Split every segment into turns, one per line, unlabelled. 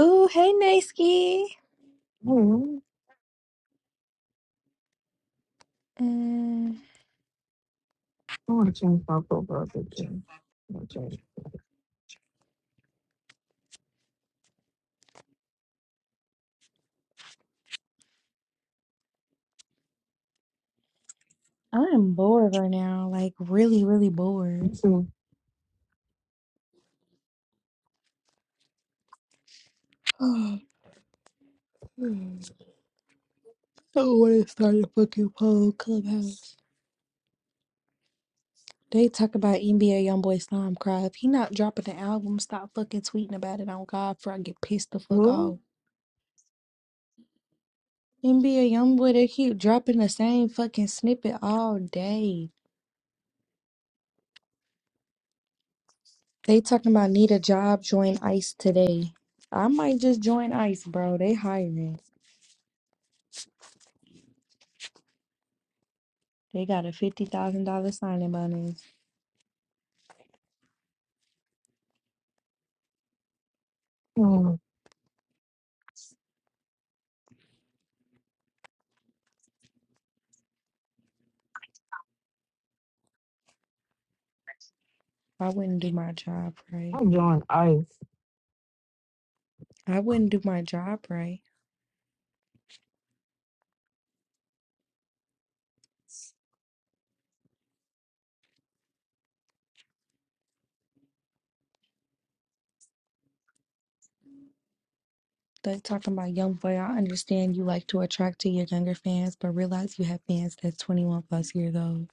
Ooh, hey, Naski.
Oh,
Mm,
I want to change my profile picture. Okay.
I'm bored right now, like really, really bored.
So,
Oh, I don't want to start a fucking poll clubhouse. They talk about NBA YoungBoy Slime Cry. If he not dropping the album, stop fucking tweeting about it on God before I get pissed the fuck
well,
off. NBA YoungBoy, they keep dropping the same fucking snippet all day. They talking about need a job, join ICE today. I might just join ICE, bro. They hiring. They got a fifty thousand dollar signing bonus.
hmm,
I wouldn't do my job right.
I joined ICE.
I wouldn't do my job right. They talking about young boy. I understand you like to attract to your younger fans, but realize you have fans that's twenty one plus years old.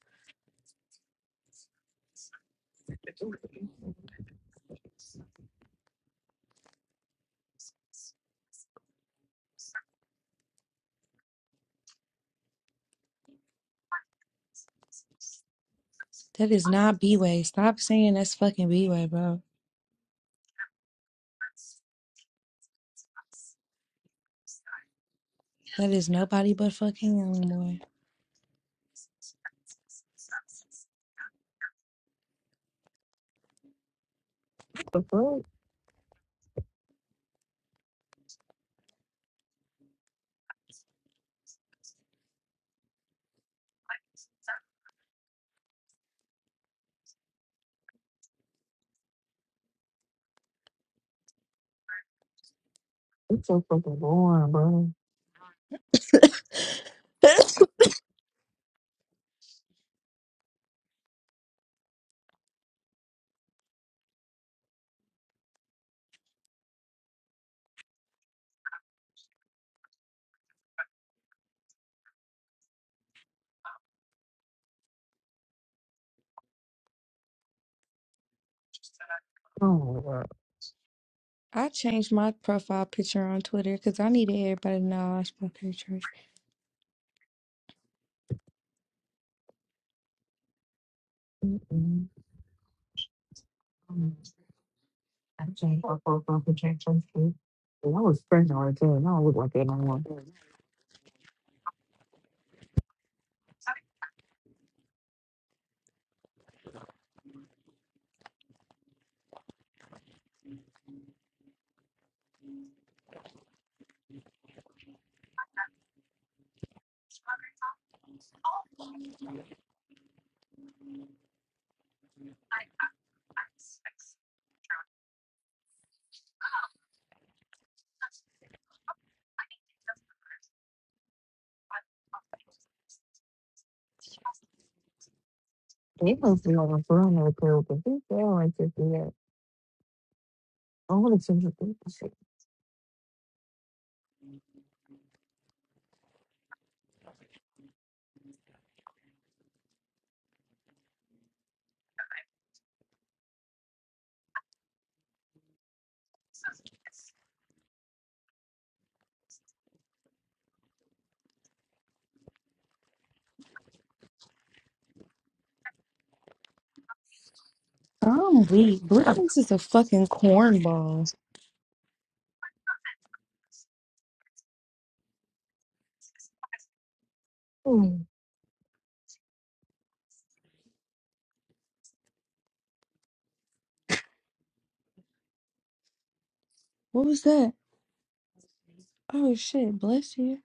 That is not B way. Stop saying that's fucking B way, bro. That is nobody but fucking young boy.
What the fuck? It's so fucking boring, bro. Oh my god.
I changed my profile picture on Twitter because I needed everybody to know I was from Detroit.
Mm-mm. Mm. I changed my profile picture. thank you. And I was pregnant right there, and I don't look like that no more. They must be on a perimeter pill, but they feel like this do I want to change the picture.
I'm weak. Blessings is a fucking cornball.
Hmm.
What was that? Oh shit, bless you.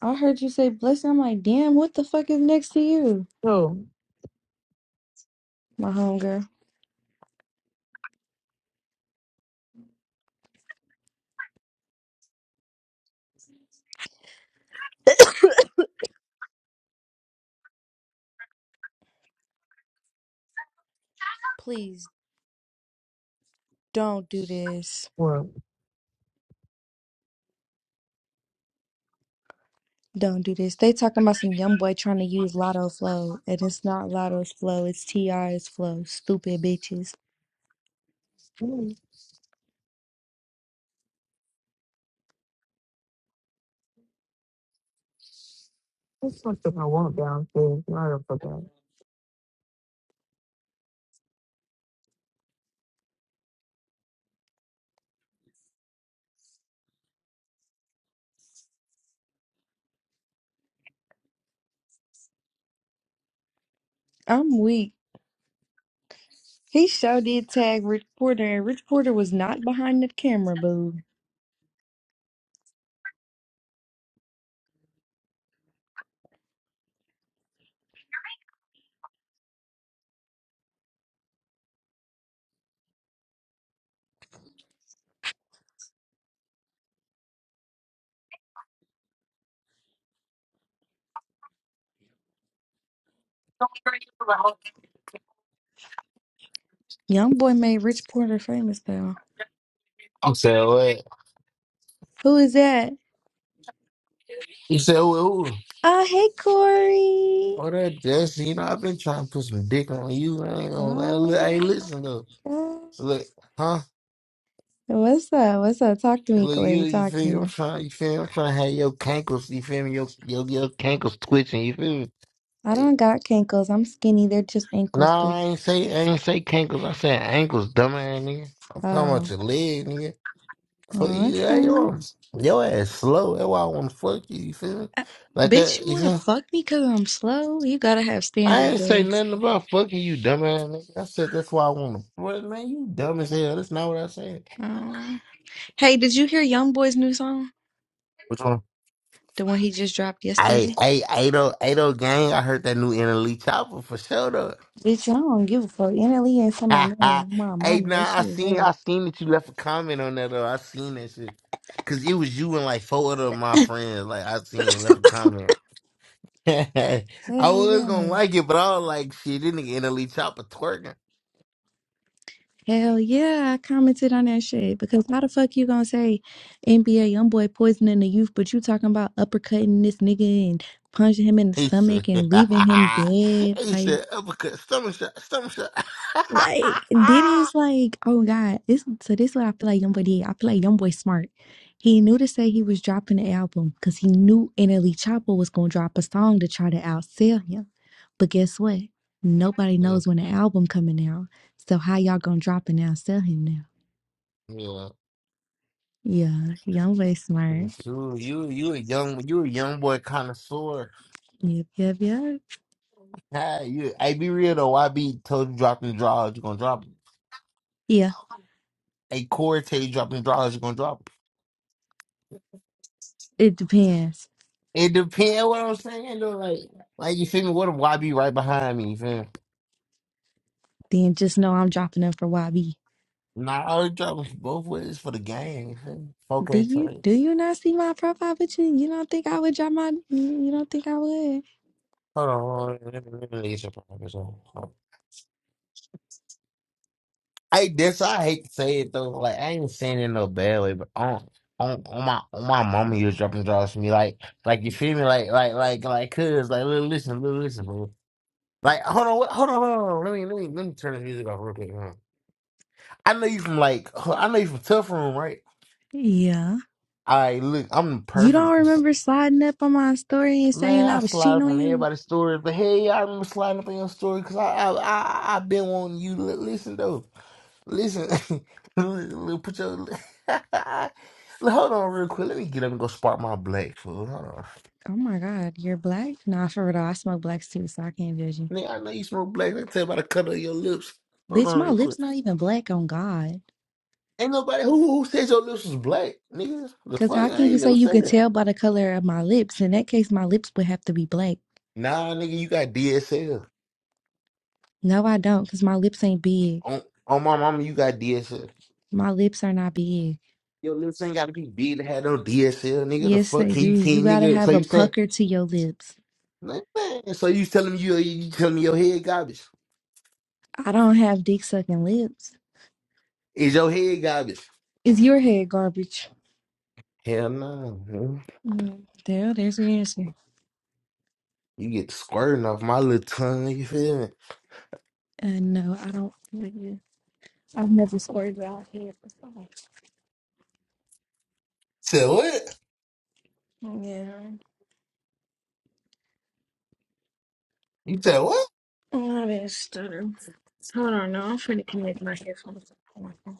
I heard you say blessing. I'm like, damn, what the fuck is next to you,
So,
my homegirl? Please don't do this.
well.
Don't do this. They talking about some young boy trying to use Lotto Flow, and it's not Lotto's flow. It's Ti's flow. Stupid bitches.
hmm. There's something I want downstairs. and I don't forget.
I'm weak. He sure did tag Rich Porter, and Rich Porter was not behind the camera, boo. Young boy made Rich Porter famous though.
I'm saying, wait.
Who is that?
You said, well,
Oh, hey Corey.
all that Jesse, you know, I've been trying to put some dick on you. I ain't gonna lie. Look, I
Oh
ain't
my
listen though.
God.
So look, huh?
What's up? What's up? Talk to me,
Look, you,
Corey.
you
Talk
feel
to
me? I'm
me.
trying, you feel me? I'm trying to have your cankles, you feel me? Your, your, your cankles twitching, you feel me?
I
Like,
don't got cankles. I'm skinny. They're just ankles,
Nah,
boo.
I ain't say, I ain't say cankles. I said ankles, dumbass nigga. I'm talking
Oh,
about your leg, nigga. Fuck you, hey,
okay.
yo, your ass slow. That's why I want to fuck you, you feel me?
Uh,
Like
Bitch,
that,
you
you
wanna
feel me?
fuck me cause I'm slow? You gotta have
I
standards,
ain't say
babes.
nothing about fucking you, dumbass nigga. I said that's why I want to. Well, man, you dumb as hell. That's not what I said.
Oh. Hey, did you hear YoungBoy's new song?
Which one?
The one he just dropped
Hey,
yesterday?
hey, Ado, Ado gang. I heard that new Inner Lee Chopper for sure though.
Bitch, I don't give a fuck. NLE ain't for my name. My
hey,
mama, that
nah, I
shit is
seen,
vague.
I seen that you left a comment on that though. I seen that shit. Cause it was you and like four other of my friends. Like I seen left a comment. I
Hell
was
yeah.
gonna like it, but I was like, shit, this nigga Inner Lee Chopper twerking.
Hell yeah, I commented on that shit because how the fuck you gonna say NBA young boy poisoning the youth, but you talking about uppercutting this nigga and punching him in the
He said,
stomach and leaving him dead?
he
Like,
said, uppercut, stomach shot, stomach shot.
like Diddy's like, oh god, this. So this is what I feel like young boy did. I feel like young boy smart. He knew to say he was dropping the album because he knew NLE Choppa was gonna drop a song to try to outsell him. But guess what? Nobody
yeah,
knows when the album coming out. So how y'all gonna drop and outsell him now?
yeah.
Yeah, y'all way smart.
You, you, you a young, you a young boy connoisseur.
Yep, yep, yep.
Hey, you, hey, be real though. I be told you dropping draws, you gonna drop it.
Yeah,
Hey, Corey tell you dropping draws, you gonna drop it.
it depends.
It depends what I'm saying though. Like, like you feel me? What if YB right behind me? You feel me?
Then just know I'm dropping them for YB.
Nah, I was dropping both ways for the game. You feel me?
Do
Okay,
you do
trades.
you not see my profile picture? You don't think I would drop my? You don't think I would?
Hold on, hold on. Let me, let me get your promise on. I this I hate to say it though. Like I ain't saying it in no bad way, but on on, on my on my mama you was dropping draws for me. Like like you feel me? Like like like like cuz like little listen, little listen, bro. Like hold on, what, hold on, hold on. Let me let me let me turn this music off real quick. hold on. I know you from like I know you from Tough Room, right?
Yeah.
All right, look, I'm the
You don't
perfect.
remember sliding up on my story and saying
Man, I
I was
slide
cheating
up
on
on
you?
everybody's story, but hey, I remember sliding up on your story because I I I I been wanting you to li- listen though. Listen, li- put your hold on real quick. Let me get up and go spark my black fool. Hold on,
Oh my God, you're black? Nah, for real. though, I smoke blacks too, so I can't judge you.
nigga. I know you smoke black. I can tell by the color of your lips. Hold
Bitch,
on
my
real quick.
lips not even black on God.
Ain't nobody who who said your lips was black, nigga. The
Cause
fuck,
how
I
can you
ain't
say
never
you
said
could
that.
tell by the color of my lips? In that case, my lips would have to be black.
Nah, nigga, you got DSL.
No, I don't, because my lips ain't big.
On on my mama, you got DSL.
My lips are not big.
Yo, niggas ain't gotta be big to have no DSL, nigga. The
Yes,
fuck
they
can you
do. You
can
gotta
nigga? So
have a
you saying,
pucker to your lips.
man, man, so you telling me you you telling me your head garbage?
I don't have dick sucking lips.
Is your head garbage?
Is your head garbage?
Hell no, man.
Mm, there, there's your answer.
You get squirting off my little tongue. You feel me?
Uh, no, I don't. yeah. I've never squirted out here before.
Said what?
Yeah,
You said what?
I been stutter. Hold on, no, I'm finna connect my headphones. Oh, my God.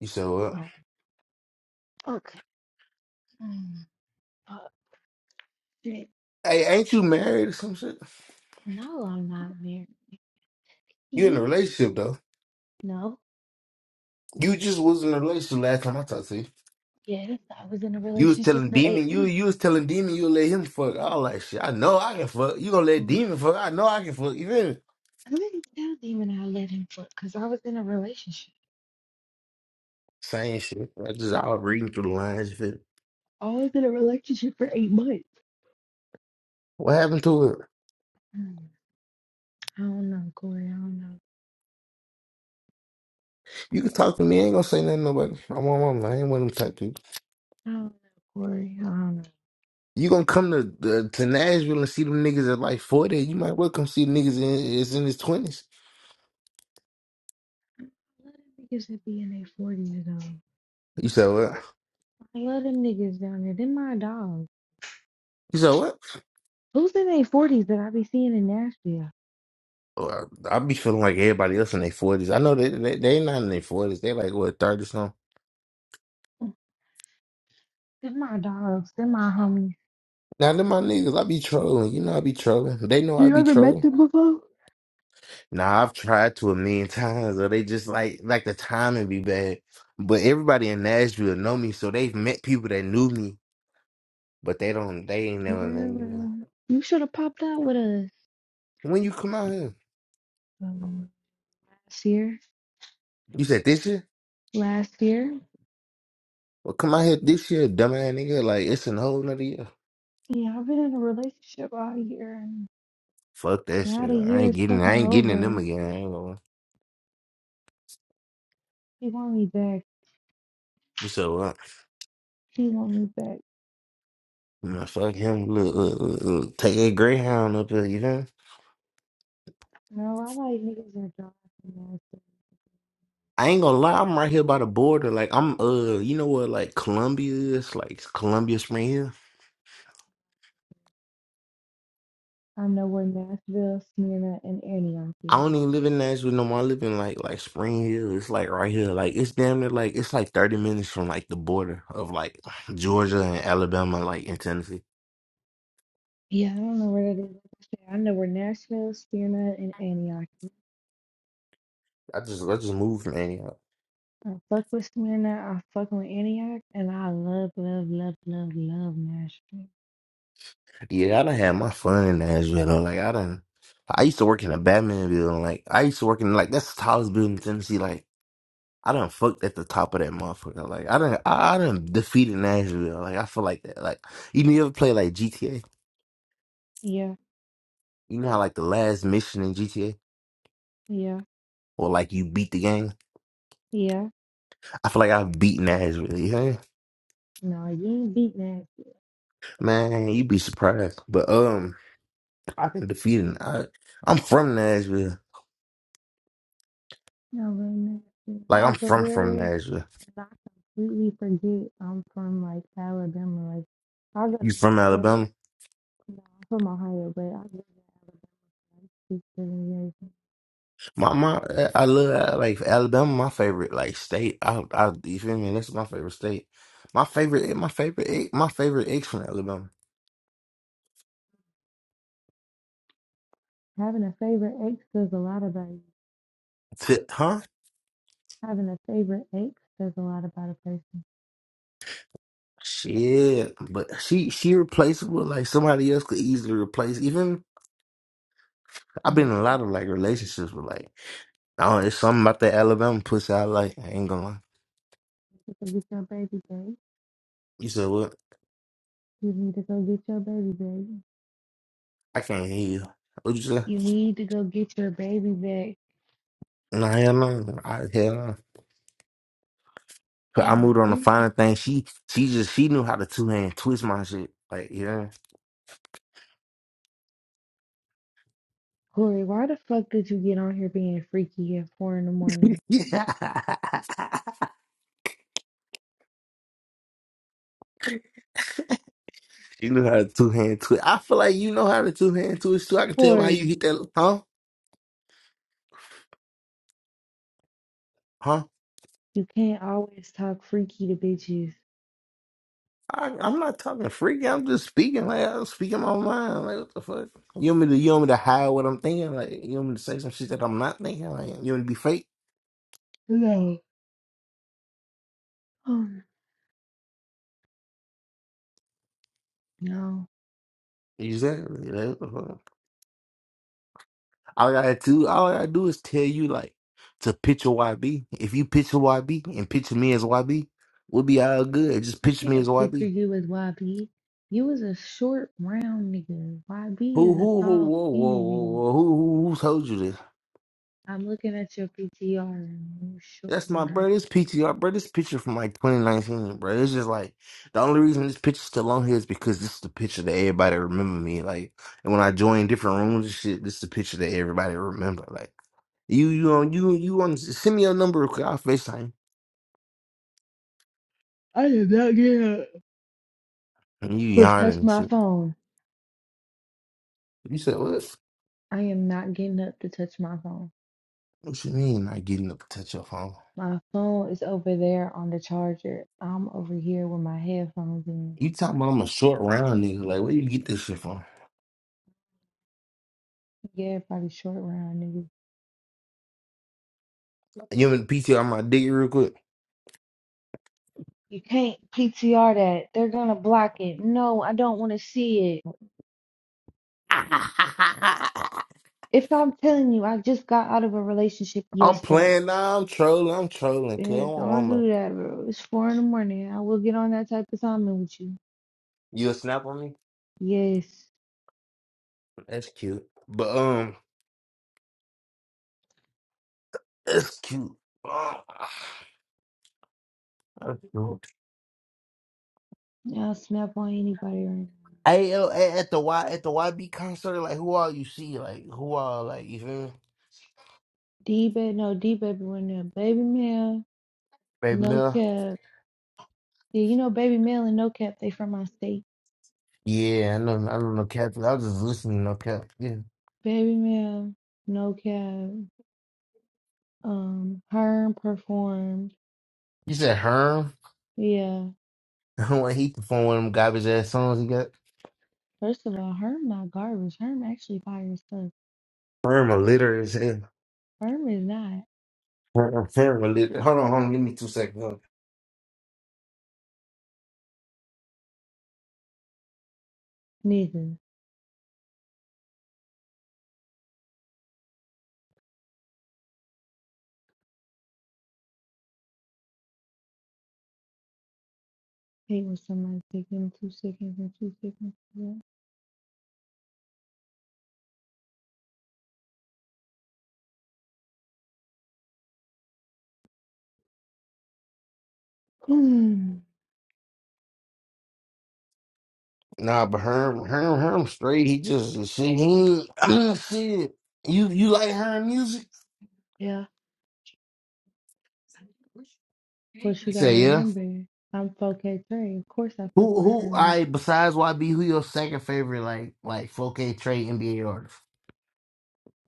You said what?
Oh, Mm, uh, shit.
Hey, ain't you married or some shit?
No, I'm not married.
You in a
You?
relationship though.
No.
You just was in a relationship last time I talked to you.
Yes, I was in a
You was
relationship
telling
for eight
Demon, you
months.
you was telling Demon you'll let him fuck all that shit. I know I can fuck. You gonna let
No.
Demon fuck. I know I can fuck. You feel me?
I didn't tell Demon I let him fuck because I was in a relationship.
Same shit. I just out reading through the lines. If it,
I was in a relationship for eight months.
what happened to it?
Mm, I don't know, Corey. I don't know.
You can talk to me. I ain't gonna say nothing to nobody. I'm on my line. I ain't one of them type people.
I don't know, Corey. I don't know.
You gonna come to the, to Nashville and see them niggas at like forty? You might well come see niggas in is in his twenties.
I love them niggas that be in their forties though.
You said what?
I love them niggas down there. Them my dogs.
You said what?
Who's in their forties that I be seeing in Nashville?
Well, I be feeling like everybody else in their forties. I know they they, they not in their forties. They like what thirty something.
Them my dogs. Them my homies.
Now them my niggas, I be trolling. You know I be trolling. They know I
You
be
ever met
trolling.
them before?
Now I've tried to a million times, or they just like like the timing be bad. But everybody in Nashville know me, so they've met people that knew me, but they don't they ain't
Yeah,
never met me. though.
well, you should have popped out with us
When you come out here,
um, last year.
you said this year?
Last year.
Well, come out here this year, dumbass nigga. Like it's a whole nother year.
Yeah, I've been in a relationship all year, and
Fuck that
now
shit.
the
I
year
ain't
is
getting
fucking
I ain't getting in them
over.
again. I ain't gonna.
She want me back.
You said what?
She want me back.
Man, fuck him. Look, look, look, look. take a Greyhound up here. You know.
No, I like niggas that drive from Nashville.
I ain't gonna lie, I'm right here by the border. Like I'm, uh, you know what? Like Columbia is, like Columbia Spring Hill.
I'm nowhere Nashville, Smyrna, and Antioch
I
is.
don't even live in Nashville no more. I live in like like Spring Hill. It's like right here. Like it's damn near like it's like thirty minutes from like the border of like Georgia and Alabama, like in Tennessee.
Yeah, I don't know where that is. Like I said, I know where Nashville, Smyrna, and Antioch is.
I just I just moved man.
I fuck with Smyrna, I fuck with Antioch, and I love, love, love, love, love Nashville.
Yeah, I done had my fun in Nashville though. Like I done I used to work in a Batman building. Like I used to work in like that's the tallest building in Tennessee. Like I done fucked at the top of that motherfucker. Like I done I, I done defeated Nashville. Like I feel like that. Like you ever play like GTA?
Yeah,
You know how like the last mission in GTA?
yeah.
Or like you beat the game?
Yeah.
I feel like I've beaten Nashville. Yeah,
No, you ain't beat nasty.
man, you'd be surprised. But um, I've been defeated. I, I'm from Nashville.
No, real nasty.
Like
I
I'm
go
from from
there and
Nashville.
I completely forget I'm from like Alabama. Like I go to
You from
Nashville.
Alabama?
No, I'm from Ohio, but I live in Alabama for like six, seven years.
My my, I love like Alabama. My favorite like state. I I you feel me? That's my favorite state. My favorite my favorite ex- my favorite ex from Alabama.
Having a favorite ex says a lot about you.
T- huh?
Having a favorite ex says a lot about a person.
Shit. But she she replaceable. Like somebody else could easily replace. Even I've
No,
been in a lot of like relationships with like. Oh, it's something about that Alabama pussy I like. I ain't gonna lie.
you need to go get your baby back.
You said what?
You need to go get your baby back.
I can't hear you. What you say?
You need to go get your baby
Nah, hell no. I, hell no. But I
back.
moved on to finer thing. She she just she knew how to two hand twist my shit. Like, you know.
Corey, why the fuck did you get on here being freaky at four in the morning?
she knew how to two hand twist. I feel like you know how to two hand twist too. I can tell by how you
Corey,
hit that huh? Huh?
you can't always talk freaky to bitches.
I, I'm not talking freaky. I'm just speaking like I'm speaking my mind. Like what the fuck? You want me to you want me to hide what I'm thinking? Like you want me to say some shit that I'm not thinking? Like you want me to be fake?
No. Oh, no.
Exactly. That's the fuck. All I gotta do, all I gotta do is tell you like to picture YB. If you picture YB and picture me as YB, we'll be all good. Just
I
picture me
can't
as
picture
YB.
you as YB. You was a short, round nigga. YB
Who,
is a
who, who,
tall,
whoa, whoa,
skinny
whoa,
nigga.
whoa, who, who, who told you this?
I'm looking at your PTR and you short
That's
and
my
round.
bro. This PTR, bro. This picture from like 2019, bro. It's just like the only reason this picture's still on here is because this is the picture that everybody remember me. Like, and when I join different rooms and shit, this is the picture that everybody remember. Like, you, you on, you, you on. Send me your number, number. 'cause I'll Facetime. you.
I did not get up.
And you
to
yawning
touch
and
my
shit.
phone.
You said, what?
I am not getting up to touch my phone.
What you mean not getting up to touch your phone?
My phone is over there on the charger. I'm over here with my headphones in.
You talking about I'm a short round nigga. Like, where you get this shit from?
Yeah, everybody short round, nigga.
You in the PC on my dick real quick?
You can't PTR that. They're gonna block it. No, I don't want to see it. If I'm telling you, I just got out of a relationship
I'm
yesterday.
playing now. I'm trolling. I'm trolling. Cause I
Yeah,
want
don't
woman.
do that, bro. It's four in the morning. I will get on that type of timing with you.
You a snap on me?
Yes.
That's cute. But, um, that's cute. Ah, That's cute.
I'll snap on anybody right now.
Hey, yo, at at the Y at the YB concert, like who all you see, like who all, like you feel me?
D-bed, no, D-baby went there. Baby Mel,
Baby
no
Mill.
cap. Yeah, you know Baby Mel and no cap, they from my state.
Yeah, I know, I don't know, Cap. I was just listening to no Cap.
Baby Mel, no cap. Um, Herm performed.
You said Herm?
Yeah.
I want to heat the phone one of them garbage ass songs he got.
First of all, Herm not garbage. Herm actually fires stuff.
Herm a litter is hell.
Herm is not
Herm, Herm a litter. Hold on, hold on. Give me two seconds. hold on.
nigga. Hate when somebody take them two seconds and two seconds. to that.
Nah, but Herm, Herm, Herm straight. He just shit. He ain't, shit. You you like Herm music?
yeah. Of course you
He
gotta
said yeah.
remember, I'm 4K3. Of course I fuck
Who
with
who
Herm.
I besides YB? Who your second favorite like like 4K trade NBA artist?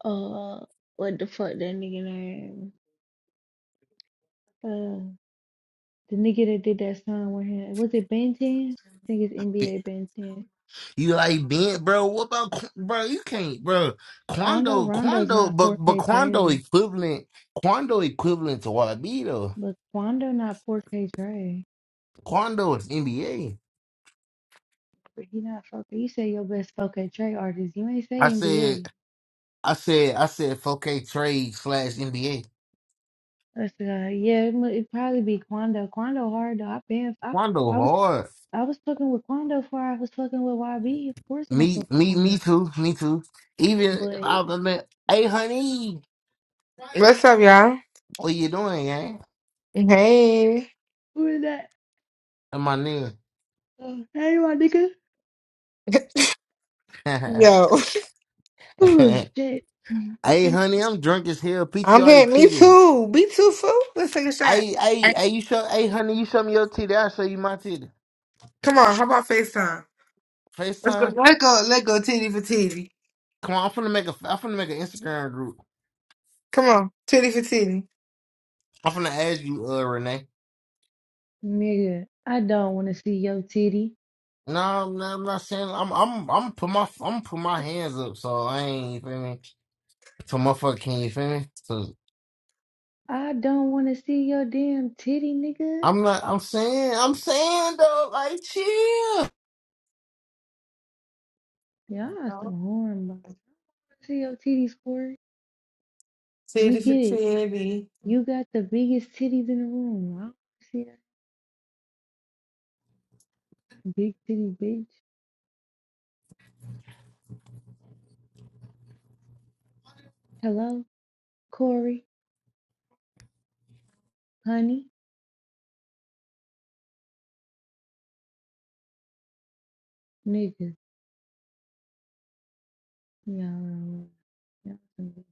Uh, what the fuck that nigga name? Uh, the nigga that did that song with him. Was it Ben 10? I think it's NBA Ben 10.
You like Ben, bro? What about Qu- bro? You can't, bro.
Quando
Quando,
Rondo's
Quando,
not
but but
4K
Quando
Trey.
equivalent, Quando equivalent to YB though.
Look, Quando not 4K Trey.
Quando is NBA.
But He not 4K. You say your best 4K Trey artist. You ain't say
I said,
NBA.
I said, I said, 4K trade slash NBA.
That's uh, yeah. It mu- it probably be Quando. Quando hard though. I been I,
Quando
I was
hard.
I was fucking with Quando before I was fucking with YB. Of course I'm gonna fuck
Me,
with
me, me
Quando.
too, me too. Even I
But
was like, hey honey,
What's up, y'all?
what you doing, gang?
Hey.
who is that?
And my nigga,
Oh, hey my nigga.
Yo.
Oh
hey
shit,
honey, I'm drunk as hell. PTR
I'm
your
here. Me
titties.
too. Me too, fool. Let's take a shot.
Hey, hey, hey, you show, hey, honey, you show me your titty, I'll show you my titty.
Come on. How about FaceTime? Let's go.
FaceTime?
Let's go. Let's go. Titty for titty.
Come on, I'm finna make a, I'm finna make an Instagram group.
Come on. Titty for titty.
I'm finna add you, uh, Renee.
nigga. I don't want to see your titty.
No, I'm not, I'm not saying, I'm, I'm, I'm put my, I'm put my hands up, so I ain't, you feel me? So motherfucker, can you feel me? So,
I don't want to see your damn titty, nigga.
I'm not, I'm saying, I'm saying though, like, chill.
Y'all some horn see your titties, squirt. We
Titty for
get it.
titty.
You got the biggest titties in the room. I don't see that. Big titty bitch. Hello, Corey, honey, nigga. Y'all, y'all some-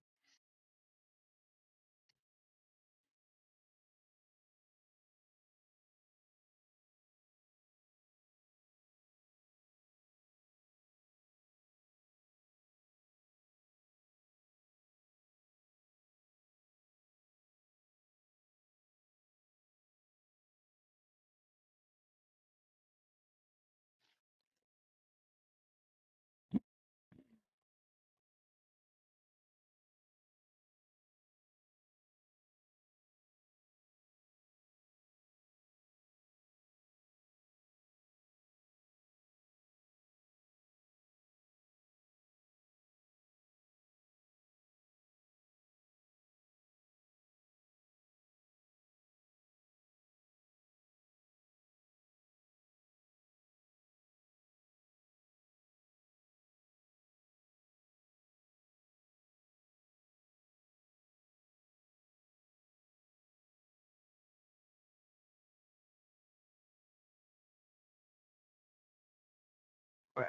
Right.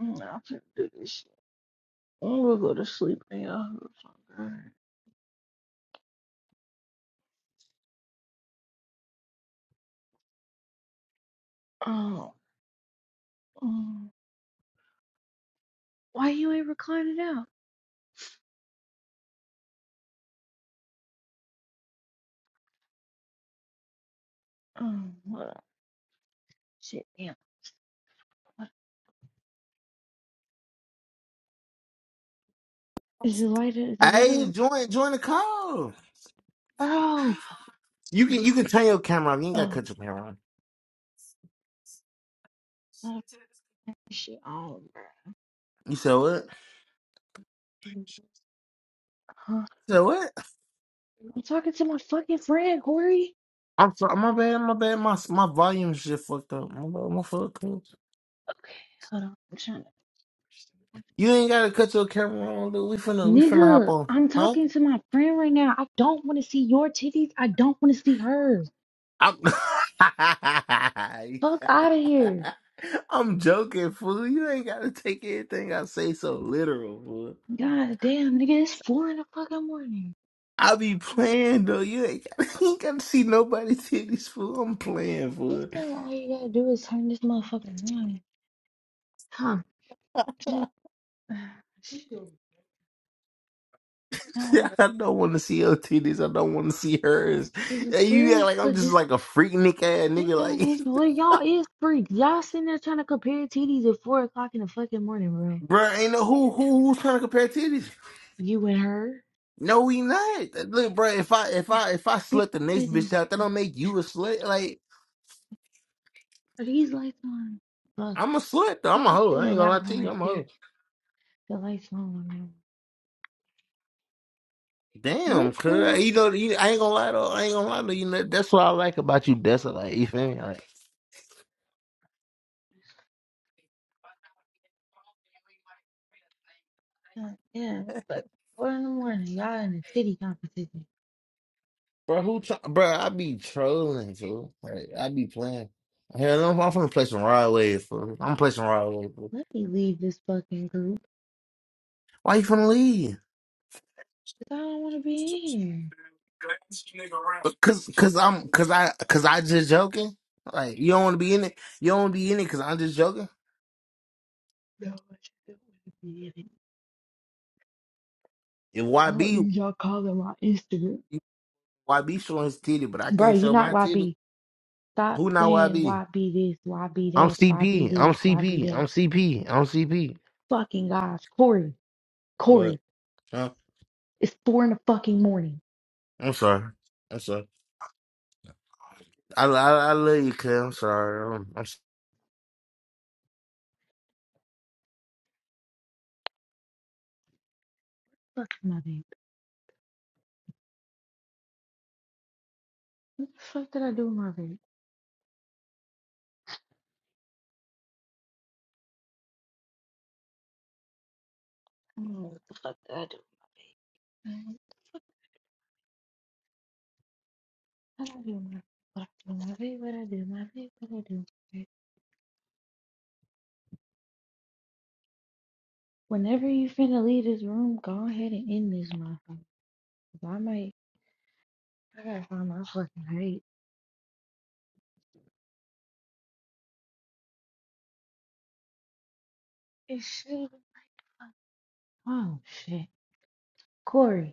Mm, I'm gonna do this shit. I'm gonna go to sleep now. Oh, Oh, mm. why you ain't reclining out? Oh, hold on. Shit, damn. What- Is the lighter, is it lit
Hey,
up?
join, join the call.
Bro,
You can, you can turn your camera off, you ain't gotta
Oh,
cut your camera on.
oh, shit Oh,
You said what?
bro. Huh?
You said what?
I'm talking to my fucking friend, Corey.
I'm sorry, my bad, my bad. My my volume just fucked up. My bad, my fuck.
Okay, hold on. I'm trying to.
You ain't gotta cut your camera on, dude. We finna we finna hop
Nigga,
on,
I'm
huh?
talking to my friend right now. I don't want to see your titties. I don't want to see hers.
I'm
Fuck out of here.
I'm joking, fool. You ain't gotta take everything I say so literal, fool.
God damn, nigga, it's four in the fucking morning.
I be playing though. You ain't gotta, you ain't gotta see nobody's titties, fool. I'm playing,
He
fool.
said all you gotta do is turn this motherfucker on. huh? Just, shit.
I don't want to see your titties. I don't want to see
Oh,
hers.
this is
And you act
serious,
like I'm
but
just
this
like a freak nick ass nigga.
daytime
like,
is well, y'all is freaks. Y'all sitting there trying to compare titties at four o'clock in the fucking morning, bro.
Bruh, ain't no who who who's trying to compare titties.
You and her.
No, we not. Look, bruh, if I if I if I
You can
slut the next
sit in
bitch
this
out, that don't make
one.
you a slut. Like
Are these lights on? Look,
I'm a slut. Though.
you
I'm a
can
hoe.
sit
I
in
ain't gonna
that
lie
one
to you.
right
I'm a
there.
hoe.
The lights on on that one.
Damn,
What,
cuz
Corey?
you know you, I ain't gonna lie though. I ain't gonna lie to you. know, That's what I like about you, Dessa. Like you feel me? Like,
Uh, yeah, it's like four in the morning. Y'all in a titty competition.
bruh, who? Try, bruh, I be trolling too. Like I be playing. Hell, I'm, I'm finna play some Rod Wave. fool. I'm gonna play some Rod Wave. fool.
Let me leave this fucking group.
Why you finna leave?
Cause I don't want to be in here.
Cause, cause I'm, cause I, cause I just joking. Like you don't want to be in it. You don't want to be in it. Cause I'm just joking.
No, I just don't want to be in it.
If
I don't
YB,
need y'all calling my Instagram.
YB showing his titty, but I
Bro,
can't
you're
show
not
my titty.
YB. Stop
Who not
saying
YB?
why be this, why be
I'm
that, why be
CP. I'm
this, why be
CP.
that.
I'm CP. I'm CP.
Fucking gosh, Corey,
What?
Corey,
Huh?
it's four in the fucking morning.
I'm sorry. I'm sorry. I, I, I love you, cuz. I'm sorry. I'm, I'm sorry.
Fuck my baby. What the fuck did I do with my baby? I don't know What the fuck did I do with my baby? What the fuck did I do with my what I do with my baby? What I do with my baby? What I do with my baby? Whenever you finna leave this room, go ahead and end this motherfucker. 'Cause I might, I gotta find my fucking hate. It's shit. Oh shit, Corey.